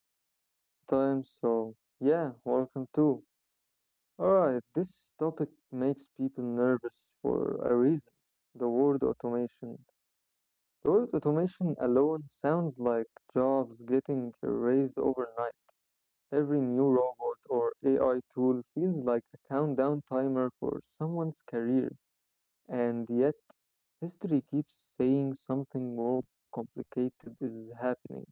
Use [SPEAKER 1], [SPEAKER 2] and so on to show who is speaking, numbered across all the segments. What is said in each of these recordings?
[SPEAKER 1] if it's your first time, so yeah, welcome too. Alright, this topic makes people nervous for a reason, the word automation. The word automation alone sounds like jobs getting erased overnight. Every new robot or AI tool feels like a countdown timer for someone's career. And yet, history keeps saying something more complicated is happening.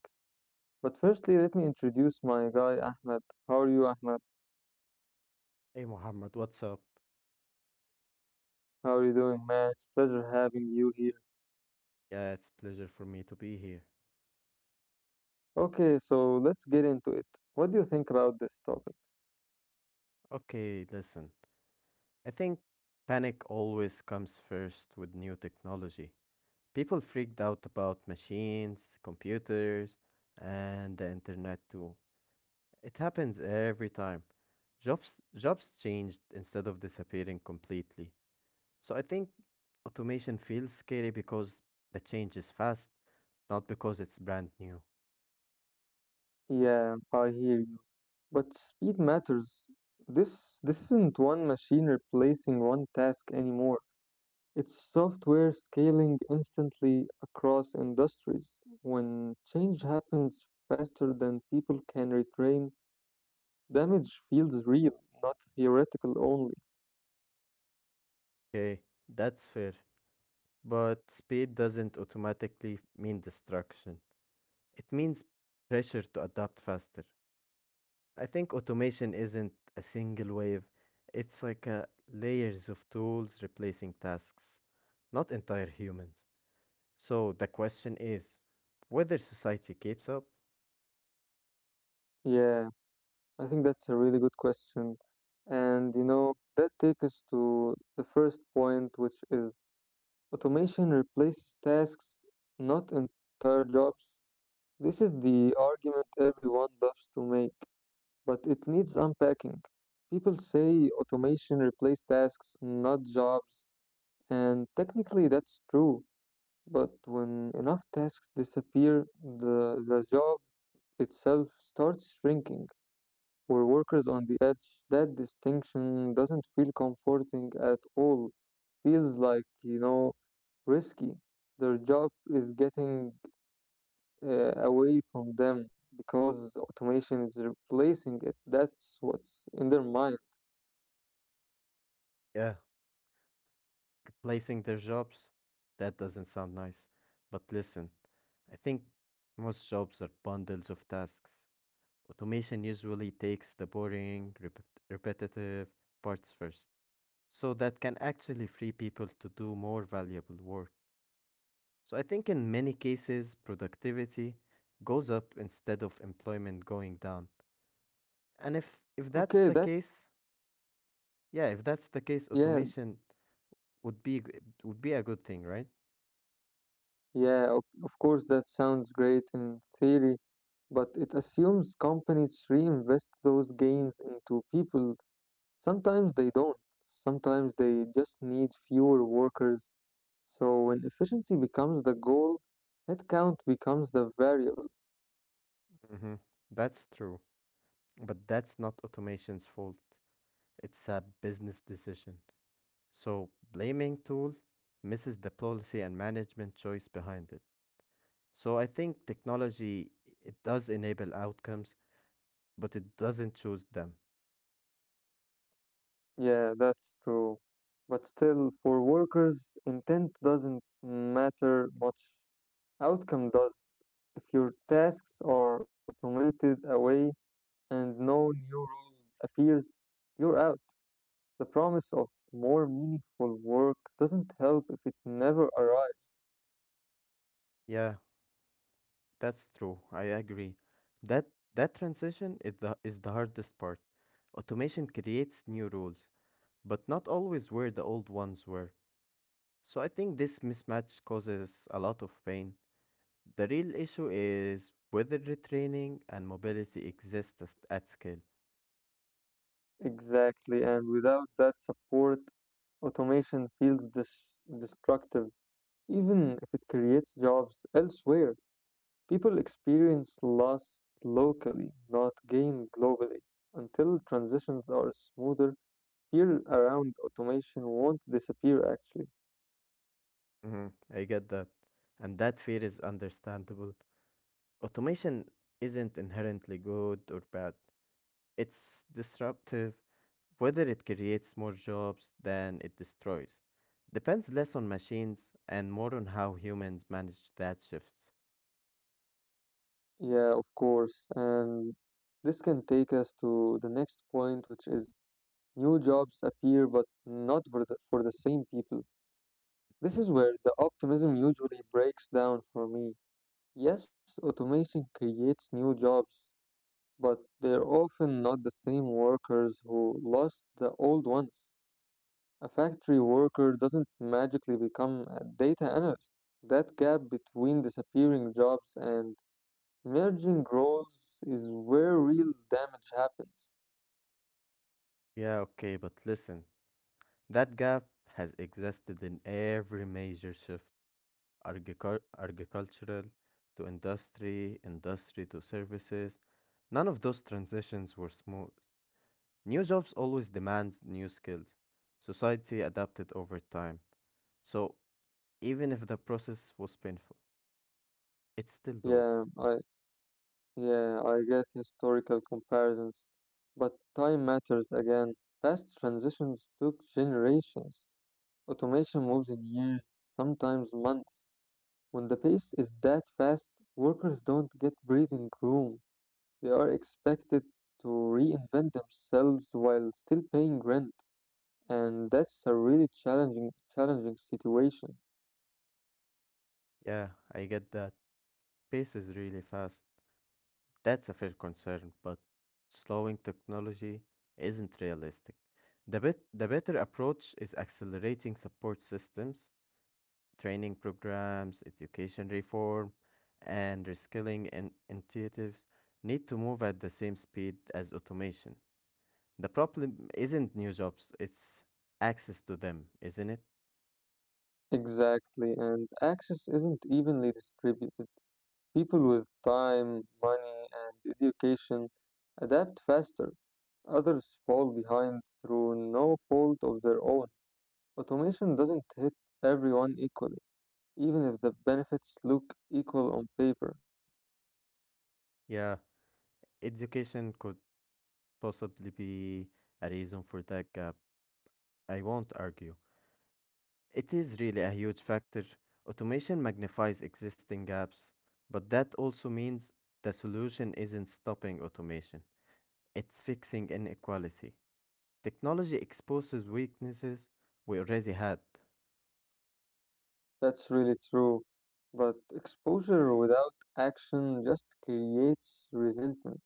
[SPEAKER 1] But firstly, let me introduce my guy, Ahmed. How are you, Ahmed?
[SPEAKER 2] Hey Muhammad, what's up?
[SPEAKER 1] How are you doing, man? It's a pleasure having you here.
[SPEAKER 2] Yeah, it's a pleasure for me to be here.
[SPEAKER 1] Okay, so let's get into it. What do you think about this topic?
[SPEAKER 2] Okay, listen. I think panic always comes first with new technology. People freaked out about machines, computers, and the internet too. It happens every time. Jobs changed instead of disappearing completely. So I think automation feels scary because the change is fast, not because it's brand new.
[SPEAKER 1] Yeah, I hear you. But speed matters. This isn't one machine replacing one task anymore. It's software scaling instantly across industries. When change happens faster than people can retrain, damage feels real, not theoretical only.
[SPEAKER 2] Okay, that's fair. But speed doesn't automatically mean destruction. It means pressure to adapt faster. I think automation isn't a single wave. It's like a layers of tools replacing tasks, not entire humans. So the question is whether society keeps up?
[SPEAKER 1] Yeah, I think that's a really good question. And you know, that takes us to the first point, which is automation replaces tasks, not entire jobs. This is the argument everyone loves to make, but it needs unpacking. People say automation replaced tasks, not jobs, and technically that's true. But when enough tasks disappear, the job itself starts shrinking or workers on the edge. That distinction doesn't feel comforting at all. Feels like, you know, risky. Their job is getting away from them because automation is replacing it. That's what's in their mind.
[SPEAKER 2] Yeah, replacing their jobs? That doesn't sound nice. But listen, I think most jobs are bundles of tasks. Automation usually takes the boring, repetitive parts first, so that can actually free people to do more valuable work. So I think in many cases, productivity goes up instead of employment going down. And if that's
[SPEAKER 1] Okay,
[SPEAKER 2] the
[SPEAKER 1] that,
[SPEAKER 2] case, yeah, if that's the case,
[SPEAKER 1] yeah,
[SPEAKER 2] automation would be would be a good thing, right?
[SPEAKER 1] yeah, of course, that sounds great in theory, but it assumes companies reinvest those gains into people. Sometimes they don't, sometimes they just need fewer workers. So when efficiency becomes the goal, headcount becomes the variable.
[SPEAKER 2] Mm-hmm. That's true, but that's not automation's fault. It's a business decision. So blaming tool misses the policy and management choice behind it. So I think technology it does enable outcomes, but it doesn't choose them.
[SPEAKER 1] Yeah, that's true. But still, for workers, intent doesn't matter much. Outcome does. If your tasks are automated away and no new role appears, you're out. The promise of more meaningful work doesn't help if it never arrives.
[SPEAKER 2] Yeah, that's true. I agree. That that transition is the hardest part. Automation creates new rules, but not always where the old ones were. So I think this mismatch causes a lot of pain. The real issue is whether retraining and mobility exist at scale.
[SPEAKER 1] Exactly, and without that support, automation feels destructive, even if it creates jobs elsewhere. People experience loss locally, not gain globally. Until transitions are smoother, fear around automation won't disappear actually.
[SPEAKER 2] hmm I get that. And that fear is understandable. Automation isn't inherently good or bad, it's disruptive. Whether it creates more jobs than it destroys depends less on machines and more on how humans manage that shift.
[SPEAKER 1] Yeah, of course. And this can take us to the next point, which is new jobs appear but not for the same people. This is where the optimism usually breaks down for me. Yes, automation creates new jobs, but they're often not the same workers who lost the old ones. A factory worker doesn't magically become a data analyst. That gap between disappearing jobs and merging roles is where real damage happens.
[SPEAKER 2] Yeah, okay, but listen, that gap has existed in every major shift. Agricultural to industry, industry to services. None of those transitions were smooth. New jobs always demand new skills. Society adapted over time. So even if the process was painful, it's still doable.
[SPEAKER 1] Yeah, I yeah, I get historical comparisons, but time matters again. Past transitions took generations. Automation moves in years, sometimes months. When the pace is that fast, workers don't get breathing room. They are expected to reinvent themselves while still paying rent, and that's a really challenging situation.
[SPEAKER 2] Yeah, I get that. Pace is really fast. That's a fair concern, but slowing technology isn't realistic. The better approach is accelerating support systems, training programs, education reform, and reskilling initiatives need to move at the same speed as automation. The problem isn't new jobs, it's access to them, isn't it?
[SPEAKER 1] Exactly, and access isn't evenly distributed. People with time, money, and education adapt faster. Others fall behind through no fault of their own. Automation doesn't hit everyone equally, even if the benefits look equal on paper.
[SPEAKER 2] Yeah, education could possibly be a reason for that gap. I won't argue. It is really a huge factor. Automation magnifies existing gaps, but that also means the solution isn't stopping automation, it's fixing inequality. Technology exposes weaknesses we already had.
[SPEAKER 1] That's really true. But exposure without action just creates resentment.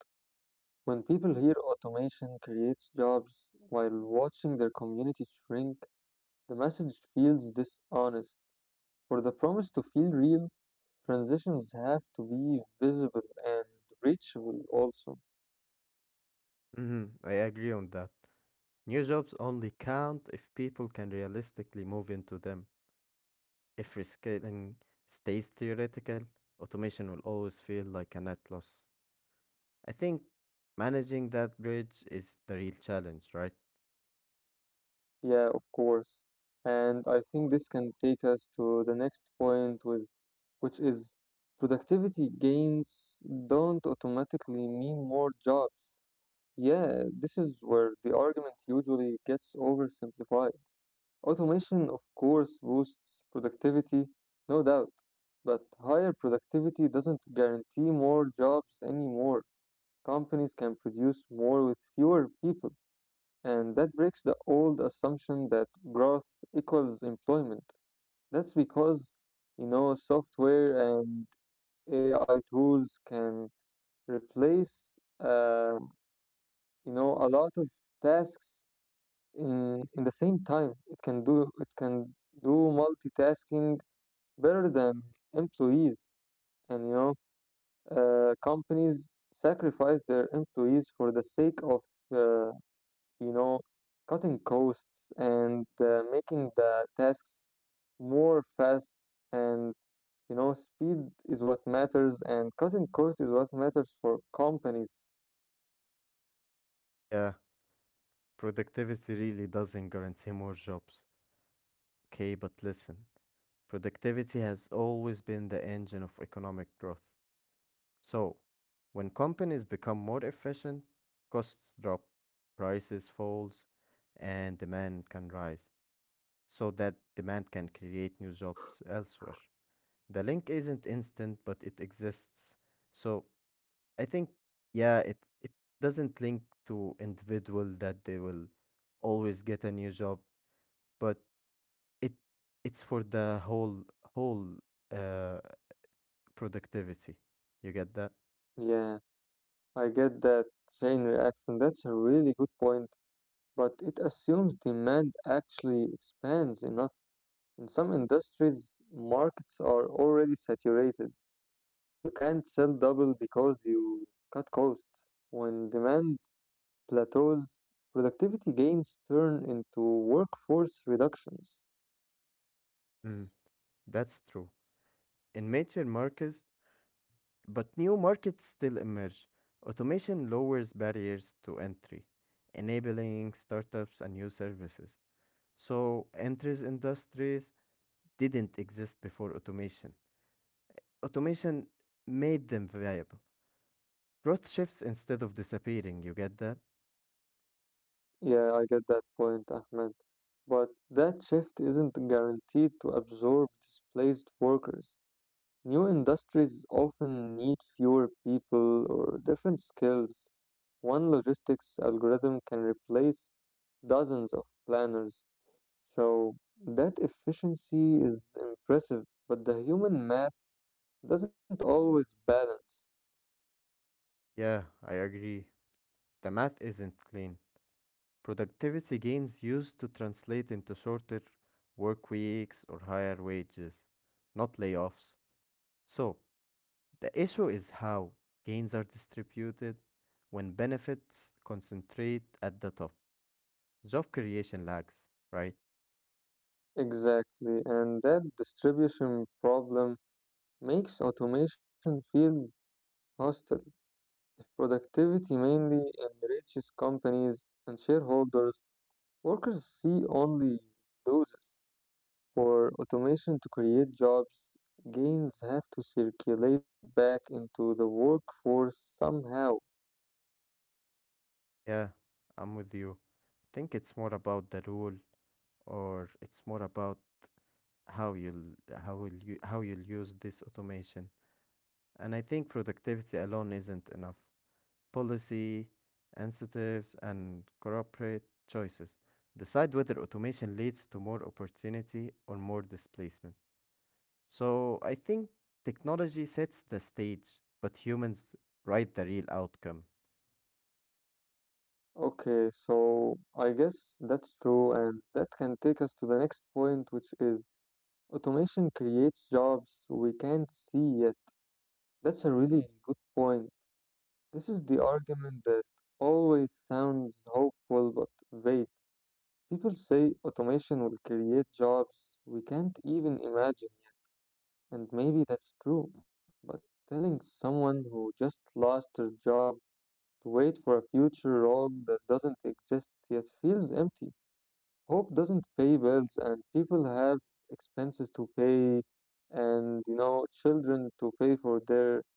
[SPEAKER 1] When people hear automation creates jobs while watching their community shrink, the message feels dishonest. For the promise to feel real, transitions have to be visible and reachable also.
[SPEAKER 2] I agree on that. New jobs only count if people can realistically move into them. If reskilling stays theoretical, automation will always feel like a net loss. I think managing that bridge is the real challenge, right?
[SPEAKER 1] Yeah, of course. And I think this can take us to the next point with which is productivity gains don't automatically mean more jobs. Yeah, this is where the argument usually gets oversimplified. Automation, of course, boosts productivity, no doubt, but higher productivity doesn't guarantee more jobs anymore. Companies can produce more with fewer people, and that breaks the old assumption that growth equals employment. That's because, you know, software and AI tools can replace, you know, a lot of tasks in the same time. It can do do multitasking better than employees. And you know, companies sacrifice their employees for the sake of, uh, you know, cutting costs and making the tasks more fast and you know, speed is what matters, and cutting cost is what matters for companies.
[SPEAKER 2] Yeah, productivity really doesn't guarantee more jobs. Okay, but listen, productivity has always been the engine of economic growth. So, when companies become more efficient, costs drop, prices falls, and demand can rise. So that demand can create new jobs elsewhere. The link isn't instant, but it exists. So I think, yeah, it doesn't link to individual that they will always get a new job, but it it's for the whole uh, productivity. You get that?
[SPEAKER 1] Yeah, I get that chain reaction. That's a really good point, but it assumes demand actually expands enough. In some industries, markets are already saturated. You can't sell double because you cut costs. When demand plateaus, productivity gains turn into workforce reductions.
[SPEAKER 2] Mm, that's true. In major markets. But new markets still emerge. Automation lowers barriers to entry, enabling startups and new services. So, entries industries didn't exist before automation. Automation made them viable. Growth shifts instead of disappearing, you get that?
[SPEAKER 1] Yeah, I get that point, Ahmed. But that shift isn't guaranteed to absorb displaced workers. New industries often need fewer people or different skills. One logistics algorithm can replace dozens of planners. So that efficiency is impressive, but the human math doesn't always balance.
[SPEAKER 2] Yeah, I agree. The math isn't clean. Productivity gains used to translate into shorter work weeks or higher wages, not layoffs. So, the issue is how gains are distributed when benefits concentrate at the top. Job creation lags, right?
[SPEAKER 1] Exactly, and that distribution problem makes automation feels hostile. Productivity mainly enriches companies and shareholders. Workers see only losses. For automation to create jobs, gains have to circulate back into the workforce somehow.
[SPEAKER 2] Yeah, I'm with you. Think it's more about the rule or it's more about how you'll how will you how you'll use this automation. And I think productivity alone isn't enough. Policy, incentives and corporate choices decide whether automation leads to more opportunity or more displacement. So I think technology sets the stage, but humans write the real outcome.
[SPEAKER 1] Okay, so I guess that's true, and that can take us to the next point, which is automation creates jobs we can't see yet. That's a really good point. This is the argument that always sounds hopeful but vague. People say automation will create jobs we can't even imagine yet, and maybe that's true, but telling someone who just lost their job to wait for a future role that doesn't exist yet feels empty. Hope doesn't pay bills, and people have expenses to pay, and you know, children to pay for their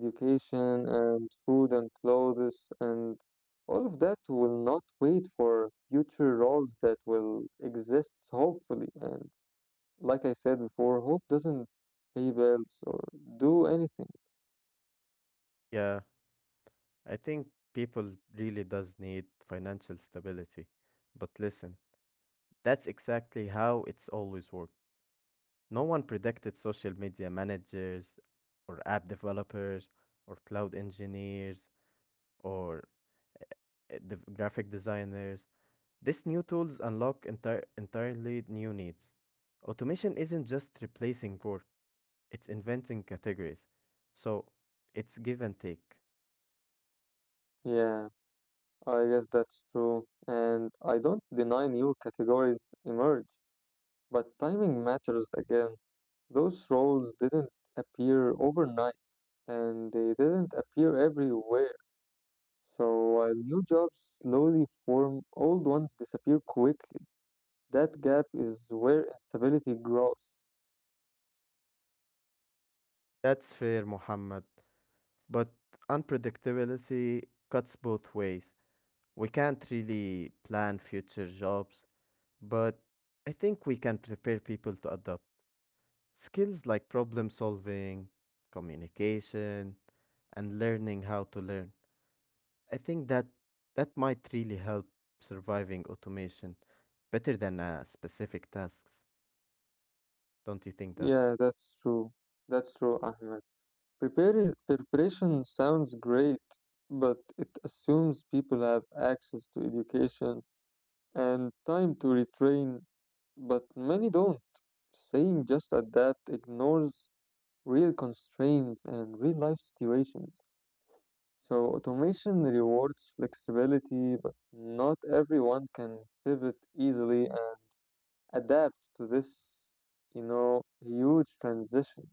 [SPEAKER 1] education and food and clothes and all of that will not wait for future roles that will exist hopefully and like I said before, hope doesn't pay bills or do anything.
[SPEAKER 2] Yeah, I think people really does need financial stability. But listen, that's exactly how it's always worked. No one predicted social media managers or app developers or cloud engineers or graphic designers. These new tools unlock entirely new needs. Automation isn't just replacing work, it's inventing categories. So it's give and take.
[SPEAKER 1] Yeah, I guess that's true and I don't deny new categories emerge, but timing matters again. Those roles didn't appear overnight and they didn't appear everywhere. So while new jobs slowly form, old ones disappear quickly. That gap is where instability grows.
[SPEAKER 2] That's fair, Muhammad. But unpredictability cuts both ways. We can't really plan future jobs, but I think we can prepare people to adopt skills like problem solving, communication, and learning how to learn. I think that might really help surviving automation better than specific tasks. Don't you think that?
[SPEAKER 1] Yeah, that's true. That's true, Ahmed. Preparing, preparation sounds great, but it assumes people have access to education and time to retrain, but many don't. Saying just adapt ignores real constraints and real life situations. So automation rewards flexibility, but not everyone can pivot easily and adapt to this, you know, huge transition.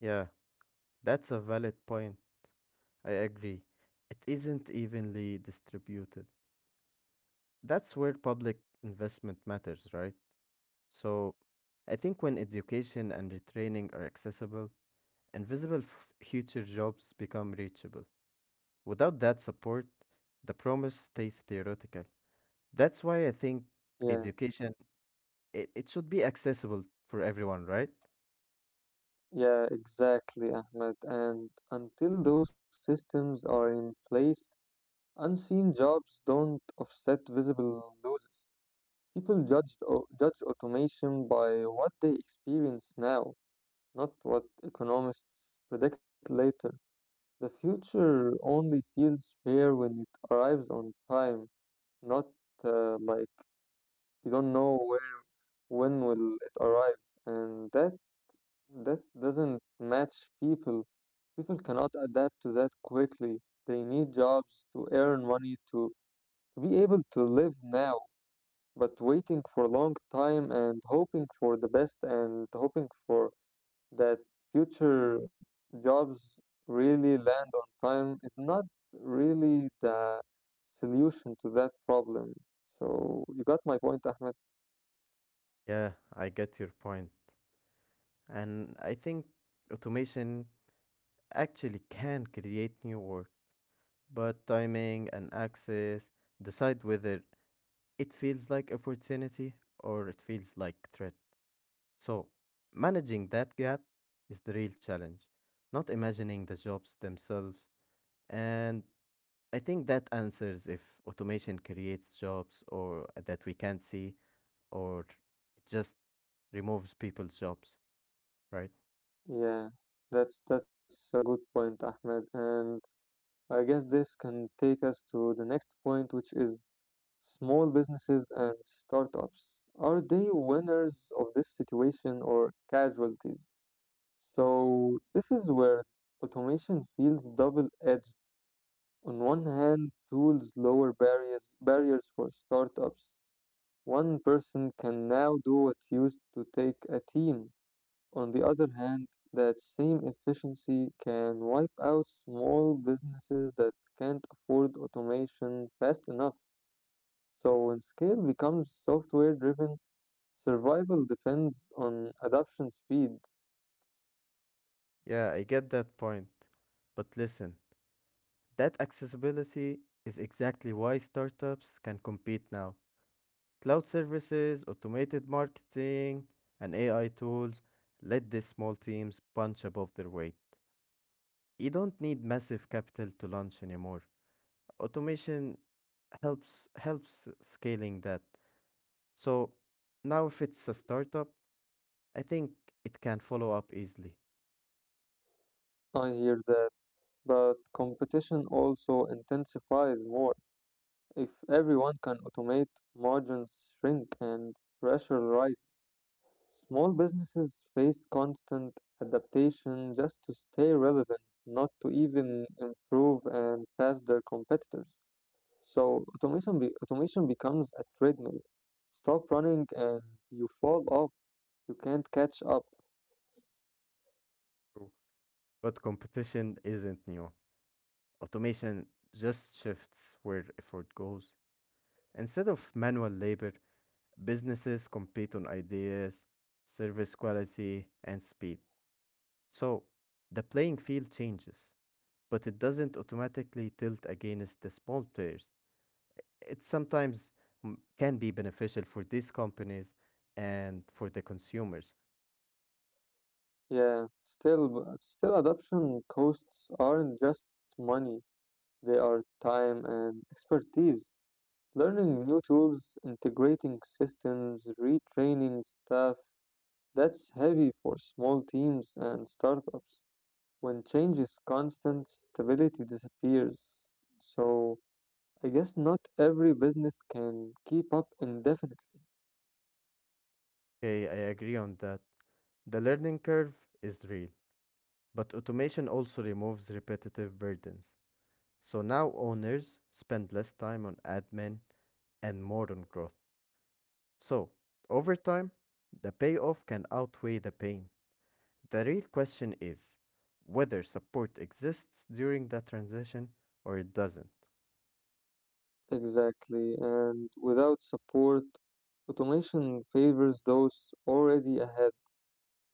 [SPEAKER 2] Yeah. That's a valid point. I agree. It isn't evenly distributed. That's where public investment matters, right? So I think when education and retraining are accessible, invisible future jobs become reachable. Without that support, the promise stays theoretical. That's why I think
[SPEAKER 1] Yeah,
[SPEAKER 2] education it should be accessible for everyone, right?
[SPEAKER 1] yeah, exactly, Ahmed. And until those systems are in place, unseen jobs don't offset visible losses. People judge automation by what they experience now, not what economists predict later. The future only feels fair when it arrives on time, not like you don't know where when will it arrive, and that doesn't match people. People cannot adapt to that quickly. They need jobs to earn money to be able to live now, but waiting for a long time and hoping for the best and hoping for that future jobs really land on time is not really the solution to that problem. So you got my point, Ahmed.
[SPEAKER 2] Yeah, I get your point. And I think automation actually can create new work, but timing and access decide whether it feels like opportunity or it feels like threat. So, managing that gap is the real challenge, not imagining the jobs themselves. And I think that answers if automation creates jobs or that we can't see or it just removes people's jobs, right?
[SPEAKER 1] Yeah, that's a good point, Ahmed. And I guess this can take us to the next point, which is small businesses and startups. Are they winners of this situation or casualties? So this is where automation feels double-edged. On one hand, tools lower barriers for startups. One person can now do what used to take a team. On the other hand, that same efficiency can wipe out small businesses that can't afford automation fast enough. So when scale becomes software driven, survival depends on adoption speed.
[SPEAKER 2] Yeah, I get that point. But listen, that accessibility is exactly why startups can compete now. Cloud services, automated marketing, and AI tools let the small teams punch above their weight. You don't need massive capital to launch anymore. Automation helps scaling that. So now if it's a startup, I think it can follow up easily.
[SPEAKER 1] I hear that, but competition also intensifies more. If everyone can automate, margins shrink and pressure rises. Small businesses face constant adaptation just to stay relevant, not to even improve and pass their competitors. So automation becomes a treadmill. Stop running and you fall off. You can't catch up.
[SPEAKER 2] True. But competition isn't new. Automation just shifts where effort goes. Instead of manual labor, businesses compete on ideas, service quality, and speed. So the playing field changes, but it doesn't automatically tilt against the small players. It sometimes can be beneficial for these companies and for the consumers.
[SPEAKER 1] Yeah, still, still adoption costs aren't just money. They are time and expertise. Learning new tools, integrating systems, retraining staff, that's heavy for small teams and startups. When change is constant, stability disappears. So, I guess not every business can keep up indefinitely.
[SPEAKER 2] Okay, I agree on that. The learning curve is real, but automation also removes repetitive burdens. So now owners spend less time on admin and more on growth. So, over time, the payoff can outweigh the pain. The real question is whether support exists during the transition or it doesn't.
[SPEAKER 1] Exactly, and without support, automation favors those already ahead.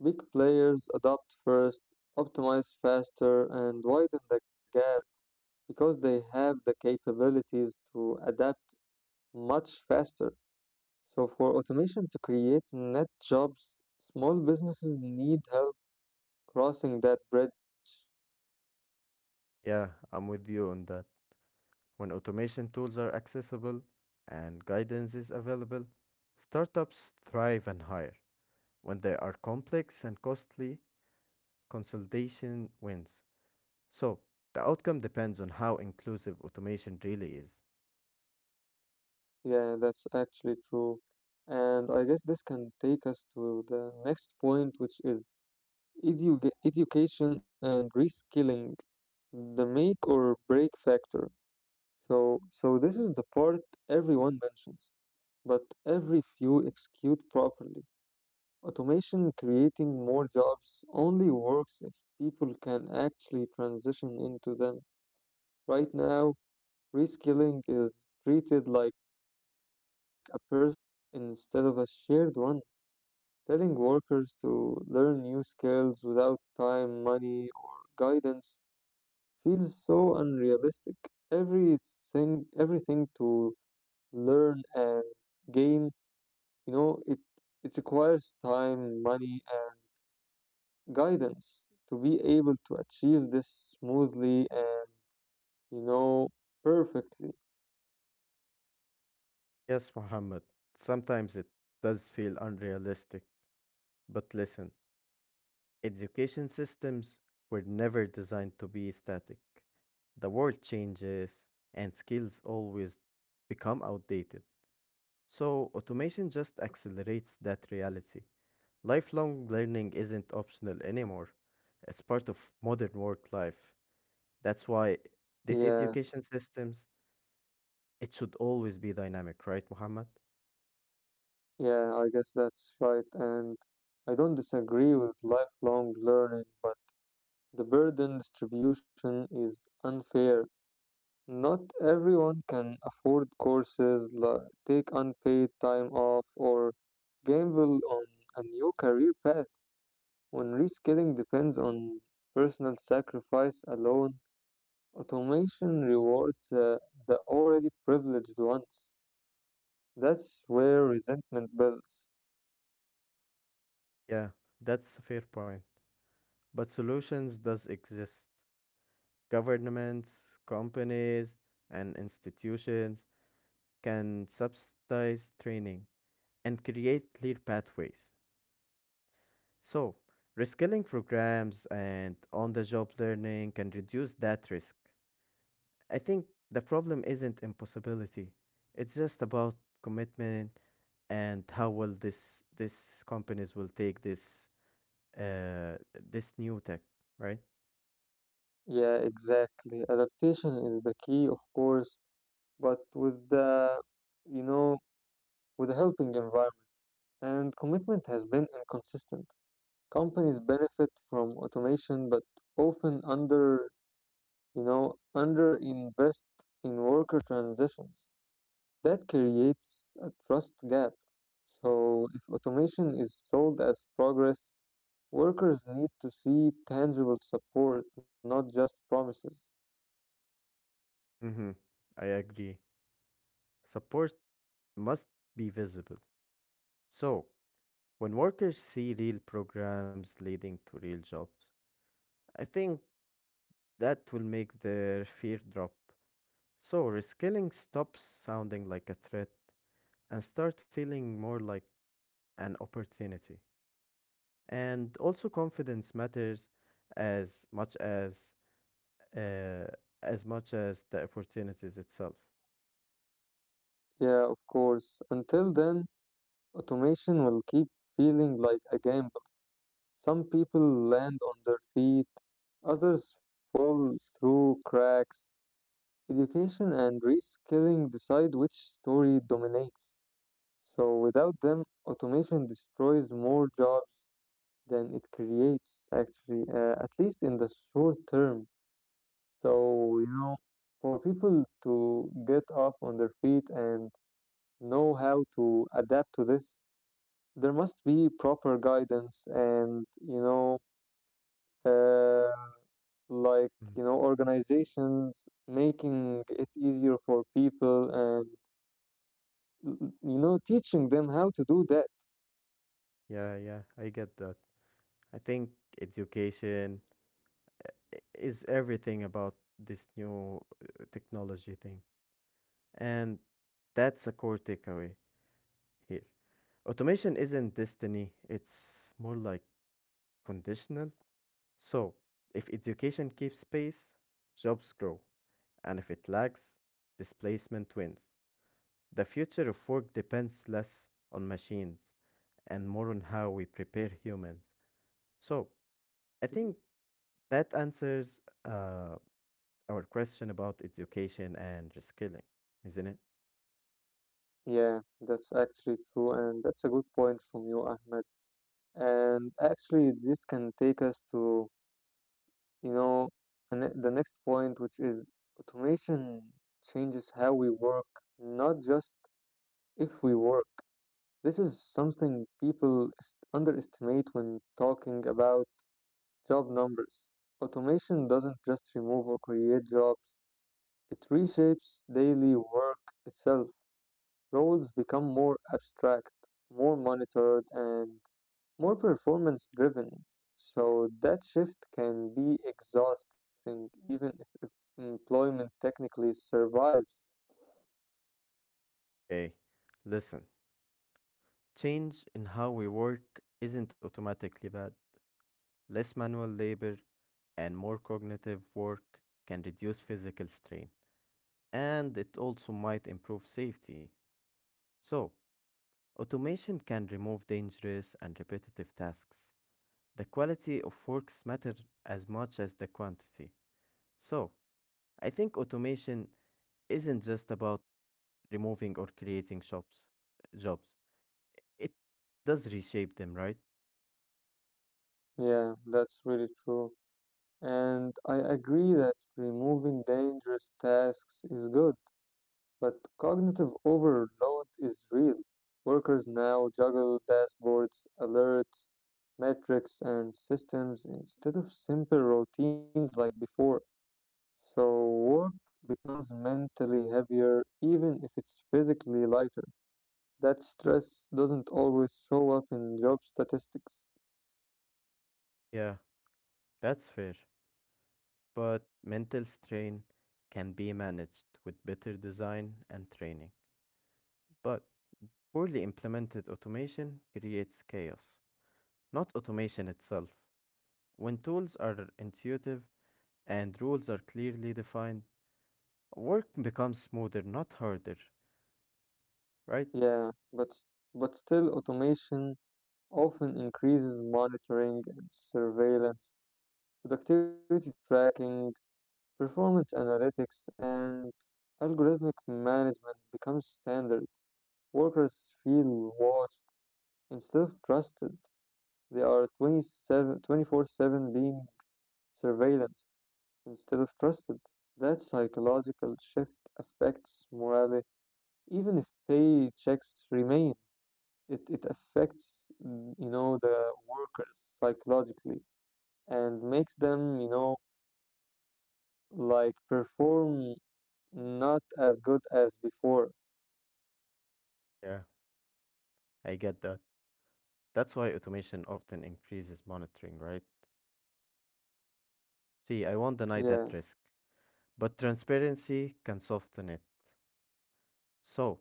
[SPEAKER 1] Big players adopt first, optimize faster, and widen the gap, because they have the capabilities to adapt much faster. So, for automation to create net jobs, small businesses need help crossing that bridge.
[SPEAKER 2] Yeah, I'm with you on that. When automation tools are accessible and guidance is available, startups thrive and hire. When they are complex and costly, consolidation wins. So, the outcome depends on how inclusive automation really is.
[SPEAKER 1] Yeah, that's actually true. And I guess this can take us to the next point, which is education and reskilling, the make or break factor. So, this is the part everyone mentions, but every few execute properly. Automation creating more jobs only works if people can actually transition into them. Right now, reskilling is treated like a personal responsibility instead of a shared one. Telling workers to learn new skills without time, money, or guidance feels so unrealistic. Everything, to learn and gain, you know, it, it requires time, money, and guidance to be able to achieve this smoothly and you know perfectly.
[SPEAKER 2] Yes, Mohammed. Sometimes it does feel unrealistic, but listen, education systems were never designed to be static. The world changes and skills always become outdated. So, automation just accelerates that reality. Lifelong learning isn't optional anymore. It's part of modern work life. That's why these
[SPEAKER 1] Yeah,
[SPEAKER 2] education systems, it should always be dynamic, right, Mohammed?
[SPEAKER 1] yeah I guess that's right. And I don't disagree with lifelong learning, but the burden distribution is unfair. Not everyone can afford courses, like take unpaid time off or gamble on a new career path when reskilling depends on personal sacrifice alone. Automation rewards the already privileged ones. That's where resentment builds.
[SPEAKER 2] Yeah, that's a fair point. But solutions does exist. Governments, companies, and institutions can subsidize training and create clear pathways. So, reskilling programs and on-the-job learning can reduce that risk. I think the problem isn't impossibility. It's just about commitment and how well this companies will take uh this new tech, right?
[SPEAKER 1] Yeah, exactly. Adaptation is the key, of course, but with you know, with a helping environment. And commitment has been inconsistent. Companies benefit from automation, but often under invest in worker transitions. That creates a trust gap. So if automation is sold as progress, workers need to see tangible support, not just promises.
[SPEAKER 2] Mhm. I agree. Support must be visible. So, when workers see real programs leading to real jobs, I think that will make their fear drop. So, reskilling stops sounding like a threat and start feeling more like an opportunity. And also confidence matters as much as uh, as much as the opportunities itself.
[SPEAKER 1] Yeah, of course. Until then, automation will keep feeling like a gamble. Some people land on their feet, others fall through cracks. Education and reskilling decide which story dominates. So, without them, automation destroys more jobs than it creates, actually, at least in the short term. So, for people to get up on their feet and know how to adapt to this, there must be proper guidance and, uh, like,
[SPEAKER 2] Mm.
[SPEAKER 1] organizations making it easier for people, and teaching them how to do that.
[SPEAKER 2] Yeah, yeah, I get that. I think education is everything about this new technology thing. And that's a core takeaway here. Automation isn't destiny, it's more like conditional. So, if education keeps pace, jobs grow, and if it lags, displacement wins. The future of work depends less on machines and more on how we prepare humans. So, I think that answers our question about education and reskilling, isn't it?
[SPEAKER 1] Yeah, that's actually true. And that's a good point from you, Ahmed. And actually, this can take us to You know, and the next point, which is automation changes how we work, not just if we work. This is something people underestimate when talking about job numbers. Automation doesn't just remove or create jobs, it reshapes daily work itself. Roles become more abstract, more monitored, and more performance driven. So that shift can be exhausting, even if employment technically survives.
[SPEAKER 2] Okay, listen. Change in how we work isn't automatically bad. Less manual labor and more cognitive work can reduce physical strain, and it also might improve safety. So, automation can remove dangerous and repetitive tasks. The quality of works matter as much as the quantity. So, I think automation isn't just about removing or creating shops jobs. It does reshape them, right?
[SPEAKER 1] Yeah, that's really true. And I agree that removing dangerous tasks is good, but cognitive overload is real. Workers now juggle dashboards, alerts, metrics, and systems instead of simple routines like before. So work becomes mentally heavier even if it's physically lighter. That stress doesn't always show up in job statistics.
[SPEAKER 2] Yeah, that's fair. But mental strain can be managed with better design and training. But poorly implemented automation creates chaos, not automation itself. When tools are intuitive and rules are clearly defined, work becomes smoother, not harder, right?
[SPEAKER 1] Yeah, but still automation often increases monitoring and surveillance, productivity tracking, performance analytics, and algorithmic management becomes standard. Workers feel watched instead of trusted. They are 27 7 being surveillanced instead of trusted. That psychological shift affects morale, even if paychecks remain. It affects, the workers psychologically, and makes them, like, perform not as good as before.
[SPEAKER 2] Yeah, I get that. That's why automation often increases monitoring, right? See, I won't deny that
[SPEAKER 1] Yeah,
[SPEAKER 2] risk, but transparency can soften it. So,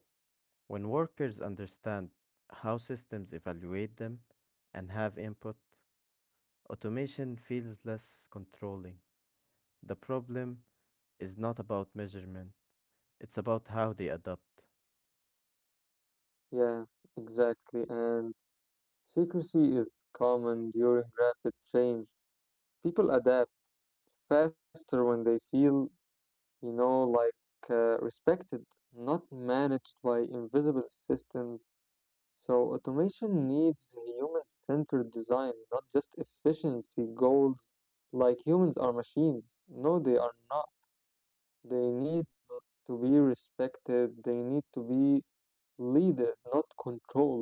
[SPEAKER 2] when workers understand how systems evaluate them and have input, automation feels less controlling. The problem is not about measurement, it's about how they adapt.
[SPEAKER 1] yeah, exactly. And secrecy is common during rapid change. People adapt faster when they feel you know, like respected, not managed by invisible systems. So automation needs human-centered design, not just efficiency goals. Like humans are machines. No, they are not. They need to be respected. They need to be leaded, not controlled.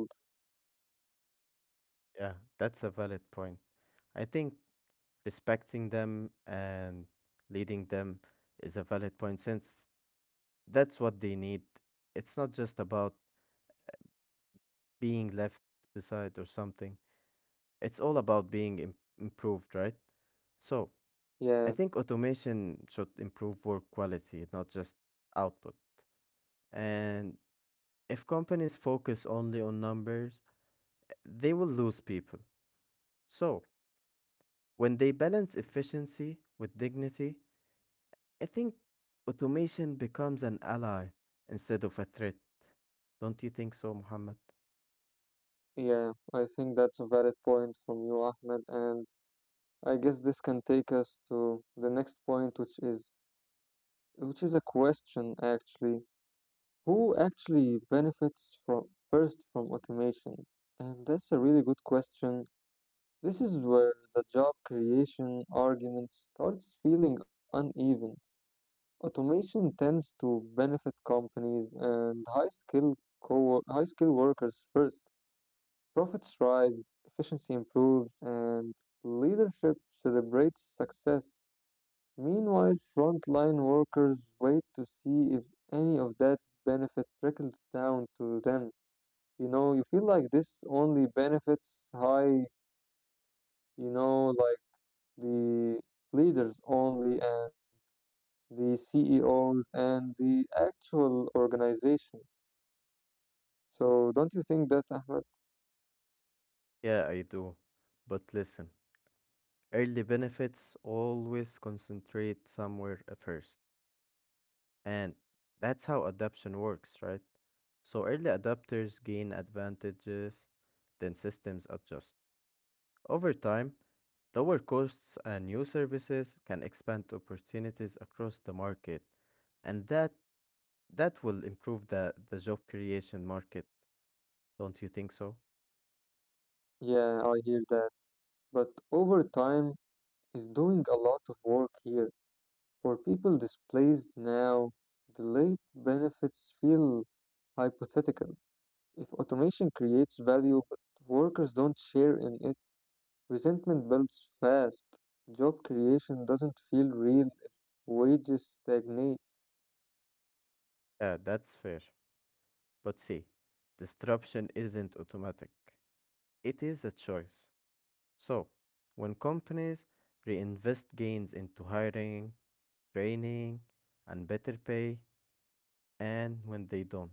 [SPEAKER 2] Yeah, that's a valid point. I think respecting them and leading them is a valid point since that's what they need. It's not just about being left beside or something. It's all about being improved, right? So, I
[SPEAKER 1] Yeah,
[SPEAKER 2] think automation should improve work quality, not just output. And if companies focus only on numbers, they will lose people. So, when they balance efficiency with dignity, I think automation becomes an ally instead of a threat. Don't you think so, Muhammad?
[SPEAKER 1] yeah. I think that's a valid point from you, Ahmed. And I guess this can take us to the next point, which is a question actually. Who actually benefits from first from automation? And that's a really good question. This is where the job creation argument starts feeling uneven. Automation tends to benefit companies and high-skilled high-skilled workers first. Profits rise, efficiency improves, and leadership celebrates success. Meanwhile, frontline workers wait to see if any of that benefit trickles down to them. You know, you feel like this only benefits high, you know like the leaders only, and the CEOs and the actual organization. So don't you think that, Ahmed?
[SPEAKER 2] Yeah, I do. But listen, early benefits always concentrate somewhere at first. And that's how adoption works, right? So early adopters gain advantages, then systems adjust. Over time, lower costs and new services can expand opportunities across the market, and that will improve the job creation market, don't you think so?
[SPEAKER 1] Yeah, I hear that, but overtime is doing a lot of work here. For people displaced now, delayed benefits feel hypothetical. If automation creates value but workers don't share in, resentment builds fast. Job creation doesn't feel real if wages stagnate.
[SPEAKER 2] Yeah, that's fair. But see, disruption isn't automatic. It is a choice. So, when companies reinvest gains into hiring, training, and better pay, and when they don't.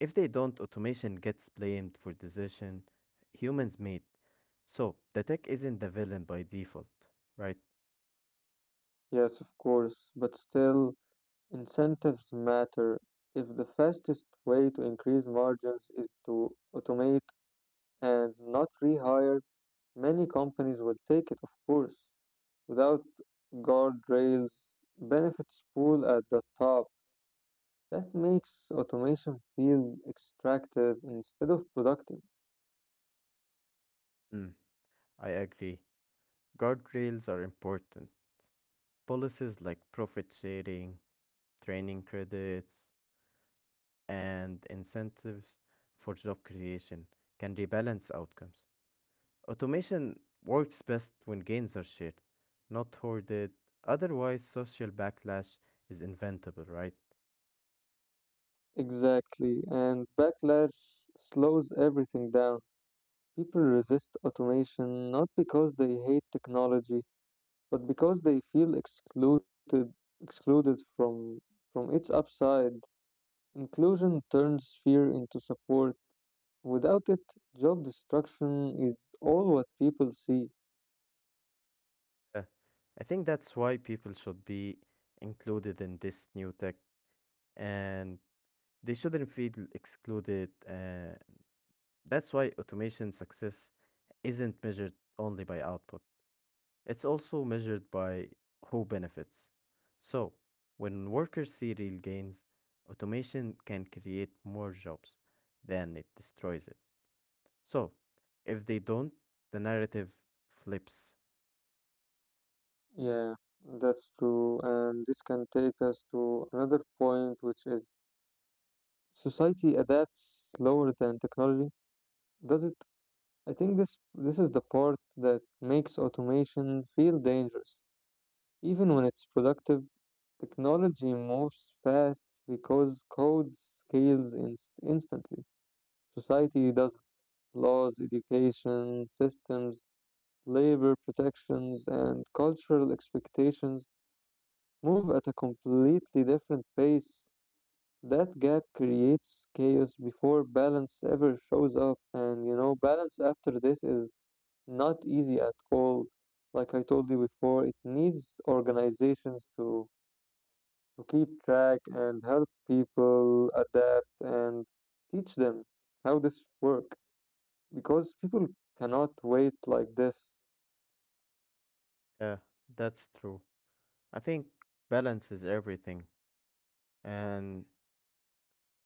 [SPEAKER 2] If they don't, automation gets blamed for decision humans made. So the tech isn't the villain by default, right?
[SPEAKER 1] Yes, of course, but still, incentives matter. If the fastest way to increase margins is to automate and not rehire, many companies will take it, of course. Without guardrails, benefits pool at the top. That makes automation feel extractive instead of productive.
[SPEAKER 2] Mm, I agree. Guardrails are important. Policies like profit sharing, training credits, and incentives for job creation can rebalance outcomes. Automation works best when gains are shared, not hoarded. Otherwise, social backlash is inventable, right?
[SPEAKER 1] Exactly, and backlash slows everything down. People resist automation not because they hate technology, but because they feel excluded, from its upside. Inclusion turns fear into support. Without it, job destruction is all what people see.
[SPEAKER 2] Uh, I think that's why people should be included in this new tech and they shouldn't feel excluded. That's why automation success isn't measured only by output. It's also measured by who benefits. So, when workers see real gains, automation can create more jobs than it destroys it. So, if they don't, the narrative flips.
[SPEAKER 1] Yeah, that's true, and this can take us to another point, which is society adapts slower than technology. Does it? I think this is the part that makes automation feel dangerous. Even when it's productive, technology moves fast because code scales instantly. Society does: laws, education, systems, labor protections, and cultural expectations move at a completely different pace. That gap creates chaos before balance ever shows up, and balance after this is not easy at all. Like I told you before, it needs organizations to keep track and help people adapt and teach them how this work, because people cannot wait like this.
[SPEAKER 2] Yeah, that's true. I think balance is everything, and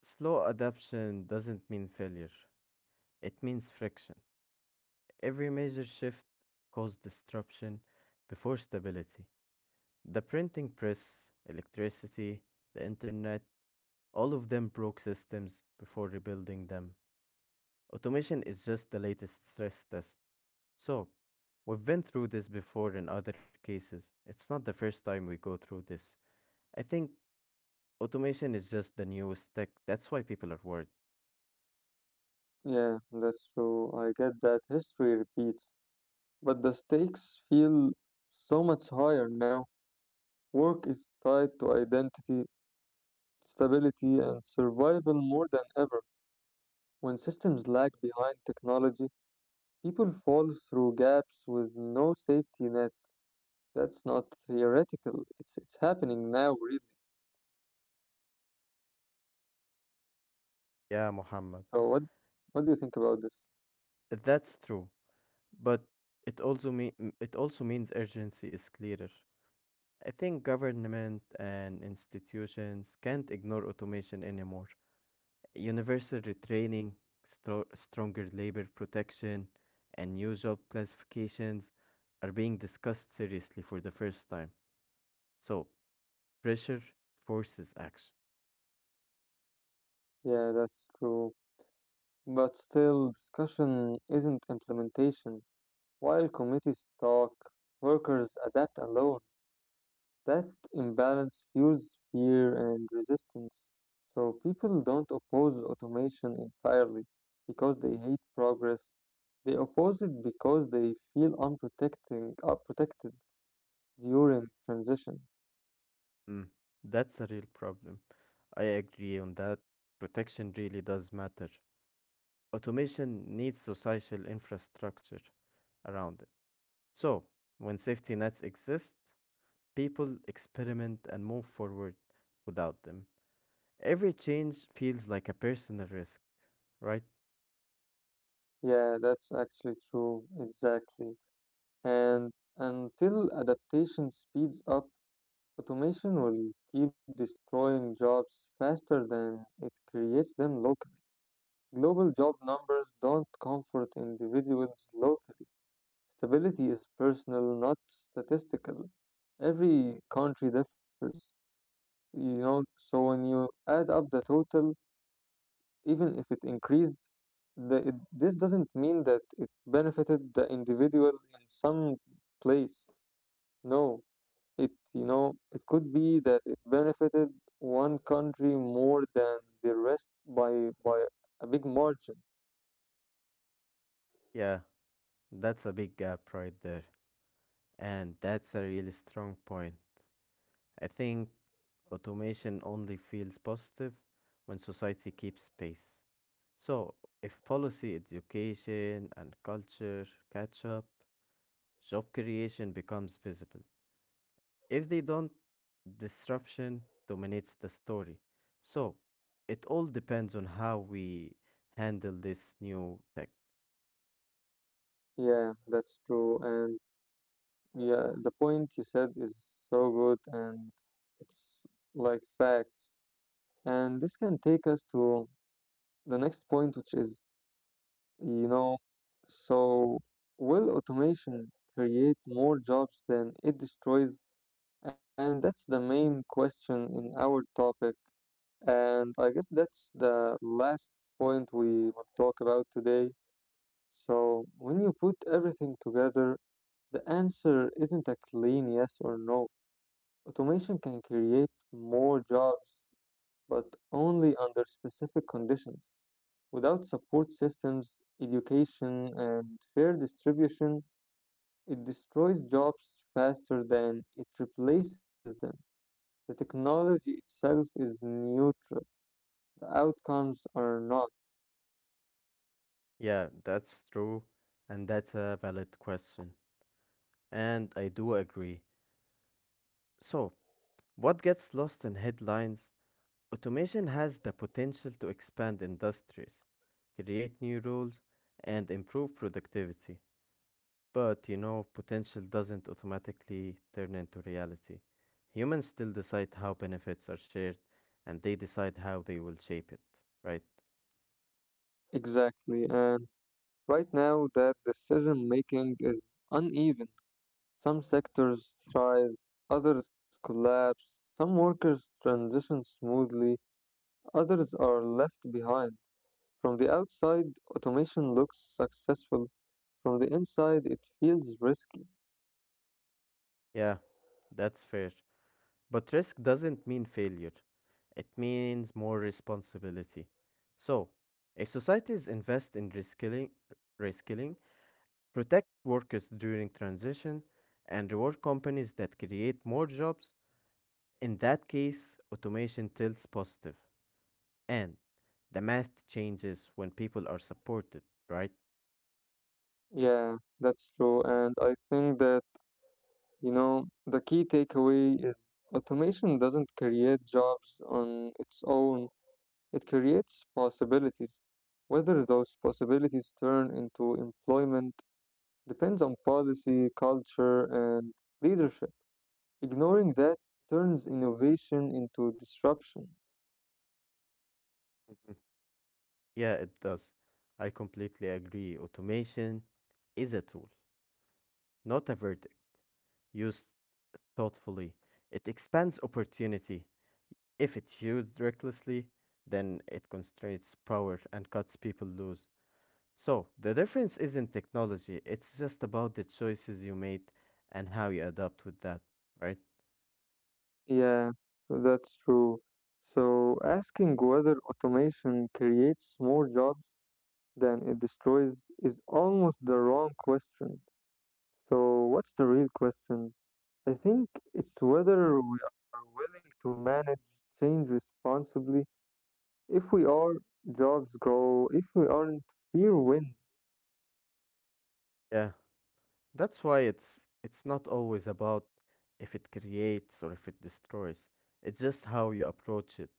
[SPEAKER 2] slow adoption doesn't mean failure, it means friction. Every major shift caused disruption before stability. The printing press, electricity, the internet, all of them broke systems before rebuilding them. Automation is just the latest stress test. So, we've been through this before in other cases. It's not the first time we go through this. I think automation is just the newest tech. That's why people are worried.
[SPEAKER 1] Yeah, that's true. I get that history repeats, but the stakes feel so much higher now. Work is tied to identity, stability, and survival more than ever. When systems lag behind technology, people fall through gaps with no safety net. That's not theoretical. It's happening now, really.
[SPEAKER 2] Yeah, Muhammad.
[SPEAKER 1] So what do you think about this?
[SPEAKER 2] That's true. But it also mean it also means urgency is clearer. I think government and institutions can't ignore automation anymore. Universal retraining, stronger labor protection, and new job classifications are being discussed seriously for the first time. So, pressure forces action.
[SPEAKER 1] Yeah, that's true. But still, discussion isn't implementation. While committees talk, workers adapt alone. That imbalance fuels fear and resistance. So people don't oppose automation entirely because they hate progress. They oppose it because they feel unprotected during transition.
[SPEAKER 2] Mm, that's a real problem. I agree on that. Protection really does matter. Automation needs social infrastructure around it. So, when safety nets exist, people experiment and move forward without them. Every change feels like a personal risk. Right?
[SPEAKER 1] Yeah, that's actually true. Exactly. And until adaptation speeds up, automation will keep destroying jobs faster than it creates them locally. Global job numbers don't comfort individuals locally. Stability is personal, not statistical. Every country differs, So when you add up the total, even if it increased, this doesn't mean that it benefited the individual in some place. No, it it could be that it benefited one country more than the rest by a big margin.
[SPEAKER 2] Yeah, that's a big gap right there. And that's a really strong point. I think automation only feels positive when society keeps space. So, if policy, education, and culture catch up, job creation becomes visible. If they don't, disruption dominates the story. So, it all depends on how we handle this new tech.
[SPEAKER 1] Yeah, that's true. And Yeah, the point you said is so good, and it's like facts. And this can take us to the next point, which is, you know, so will automation create more jobs than it destroys? And that's the main question in our topic. And I guess that's the last point we will talk about today. So when you put everything together, the answer isn't a clean yes or no. Automation can create more jobs, but only under specific conditions. Without support systems, education, and fair distribution, it destroys jobs faster than it replaces them. The technology itself is neutral, the outcomes are not.
[SPEAKER 2] Yeah, that's true, and that's a valid question. And I do agree. So, what gets lost in headlines? Automation has the potential to expand industries, create new roles, and improve productivity. But you know, potential doesn't automatically turn into reality. Humans still decide how benefits are shared, and they decide how they will shape it, right?
[SPEAKER 1] Exactly, and right now that decision making is uneven. Some sectors thrive, others collapse, some workers transition smoothly, others are left behind. From the outside, automation looks successful. From the inside, it feels risky.
[SPEAKER 2] Yeah, that's fair. But risk doesn't mean failure, it means more responsibility. So, if societies invest in reskilling protect workers during transition, and reward companies that create more jobs, in that case, automation tilts positive. And the math changes when people are supported, right?
[SPEAKER 1] Yeah, that's true. And I think that, the key takeaway is automation doesn't create jobs on its own, it creates possibilities. Whether those possibilities turn into employment depends on policy, culture, and leadership. Ignoring that turns innovation into disruption.
[SPEAKER 2] Mhm. Yeah, it does. I completely agree. Automation is a tool, not a verdict. Used thoughtfully. It expands opportunity. If it's used recklessly, then it constrains power and cuts people loose. So, the difference isn't technology, it's just about the choices you made and how you adapt with that, right?
[SPEAKER 1] Yeah, that's true. So asking whether automation creates more jobs than it destroys is almost the wrong question. So what's the real question? I think it's whether we are willing to manage change responsibly. If we are, jobs grow. If we aren't, fear wins.
[SPEAKER 2] Yeah, that's why it's not always about if it creates or if it destroys. It's just how you approach it.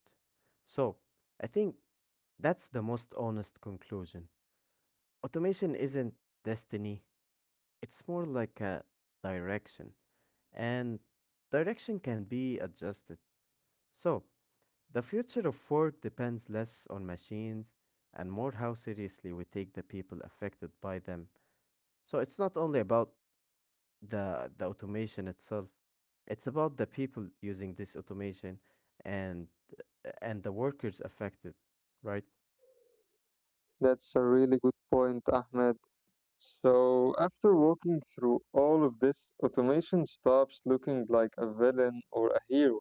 [SPEAKER 2] So, I think that's the most honest conclusion. Automation isn't destiny, it's more like a direction, and direction can be adjusted. So, the future of work depends less on machines and more how seriously we take the people affected by them. So, it's not only about the automation itself, it's about the people using this automation and and the workers affected, right?
[SPEAKER 1] That's a really good point, Ahmed. So, after walking through all of this, automation stops looking like a villain or a hero.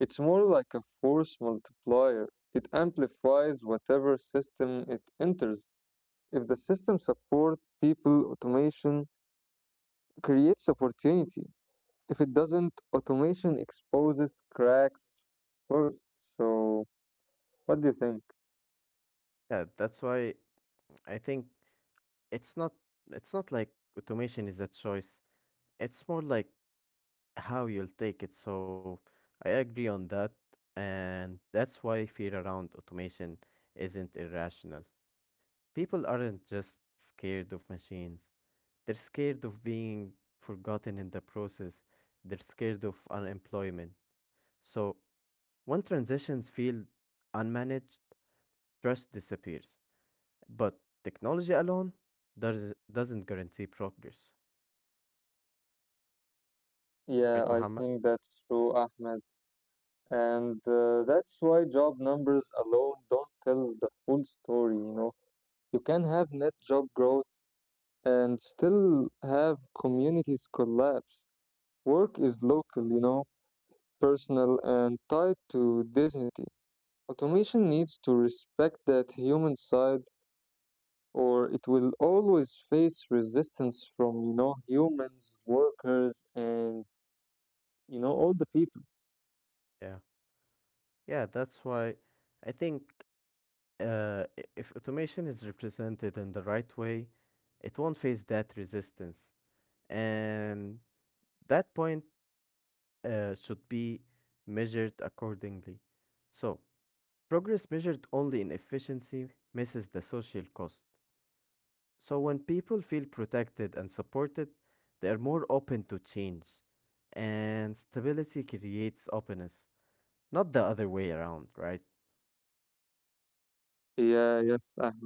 [SPEAKER 1] It's more like a force multiplier. It amplifies whatever system it enters. If the system supports people, automation creates opportunity. If it doesn't, automation exposes cracks first. So, what do you think?
[SPEAKER 2] Yeah, that's why I think it's not it's not like automation is a choice. It's more like how you'll take it. So I agree on that, and that's why fear around automation isn't irrational. People aren't just scared of machines, they're scared of being forgotten in the process, they're scared of unemployment. So when transitions feel unmanaged, trust disappears. But technology alone doesn't guarantee progress.
[SPEAKER 1] Yeah,
[SPEAKER 2] Right,
[SPEAKER 1] I
[SPEAKER 2] Muhammad?
[SPEAKER 1] think that's true, Ahmed. And that's why job numbers alone don't tell the full story, you know. You can have net job growth and still have communities collapse. Work is local, personal and tied to dignity. Automation needs to respect that human side or it will always face resistance from, humans, workers, and, all the people.
[SPEAKER 2] Yeah. Yeah, that's why I think if automation is represented in the right way, it won't face that resistance. And that point should be measured accordingly. So, progress measured only in efficiency misses the social cost. So, when people feel protected and supported, they are more open to change. And stability creates openness, not the other way around, right?
[SPEAKER 1] Yeah, yes, Ahmed.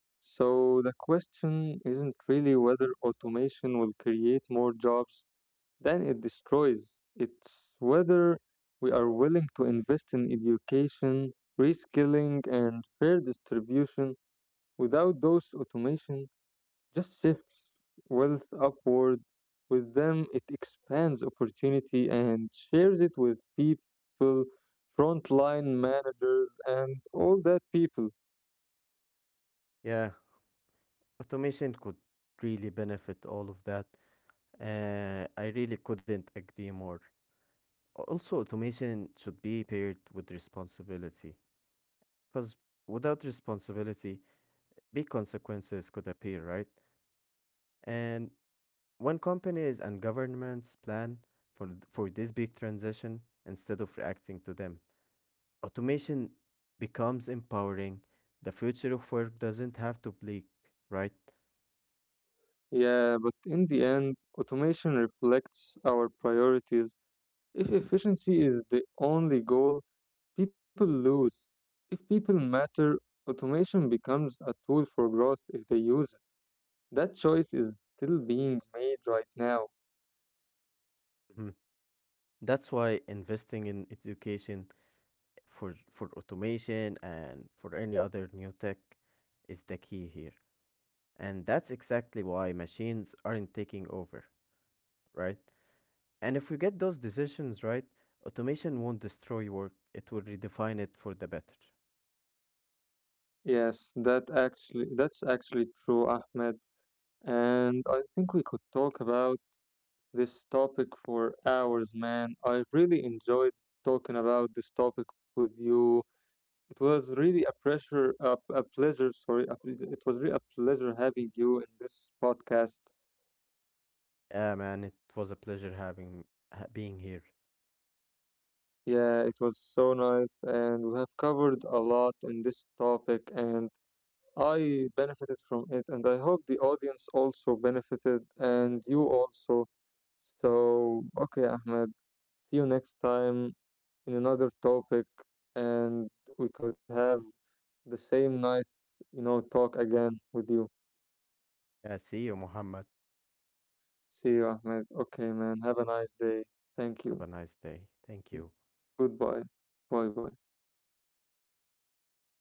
[SPEAKER 1] So the question isn't really whether automation will create more jobs than it destroys. It's whether we are willing to invest in education, reskilling, and fair distribution. Without those, automation just shifts wealth upward. With them, it expands opportunity and shares it with people, frontline managers, and all that people.
[SPEAKER 2] Yeah, automation could really benefit all of that. I really couldn't agree more. Also, automation should be paired with responsibility, because without responsibility, big consequences could appear, right? And when companies and governments plan for this big transition instead of reacting to them, automation becomes empowering. The future of work doesn't have to bleak, right?
[SPEAKER 1] Yeah, but in the end, automation reflects our priorities. If efficiency is the only goal, people lose. If people matter, automation becomes a tool for growth if they use it. That choice is still being made right now.
[SPEAKER 2] Mhm. That's why investing in education for automation and for any other new tech is the key here. And that's exactly why machines aren't taking over, right? And if we get those decisions right, automation won't destroy work, it will redefine it for the better.
[SPEAKER 1] Yes, that actually that's actually true, Ahmed. And I think we could talk about this topic for hours, man. I really enjoyed talking about this topic with you. It was really a pressure, a pleasure. Sorry, it was really a pleasure having you in this podcast.
[SPEAKER 2] Yeah, man, it was a pleasure being here.
[SPEAKER 1] Yeah, it was so nice, and we have covered a lot in this topic, and I benefited from it, and I hope the audience also benefited, and you also. So, okay, Ahmed, see you next time in another topic, and we could have the same nice, talk again with you.
[SPEAKER 2] Yeah, see you, Muhammad.
[SPEAKER 1] See you, Ahmed. Okay, man. Have a nice day. Thank
[SPEAKER 2] Have a
[SPEAKER 1] you.
[SPEAKER 2] nice day. Thank you.
[SPEAKER 1] Goodbye. Bye bye.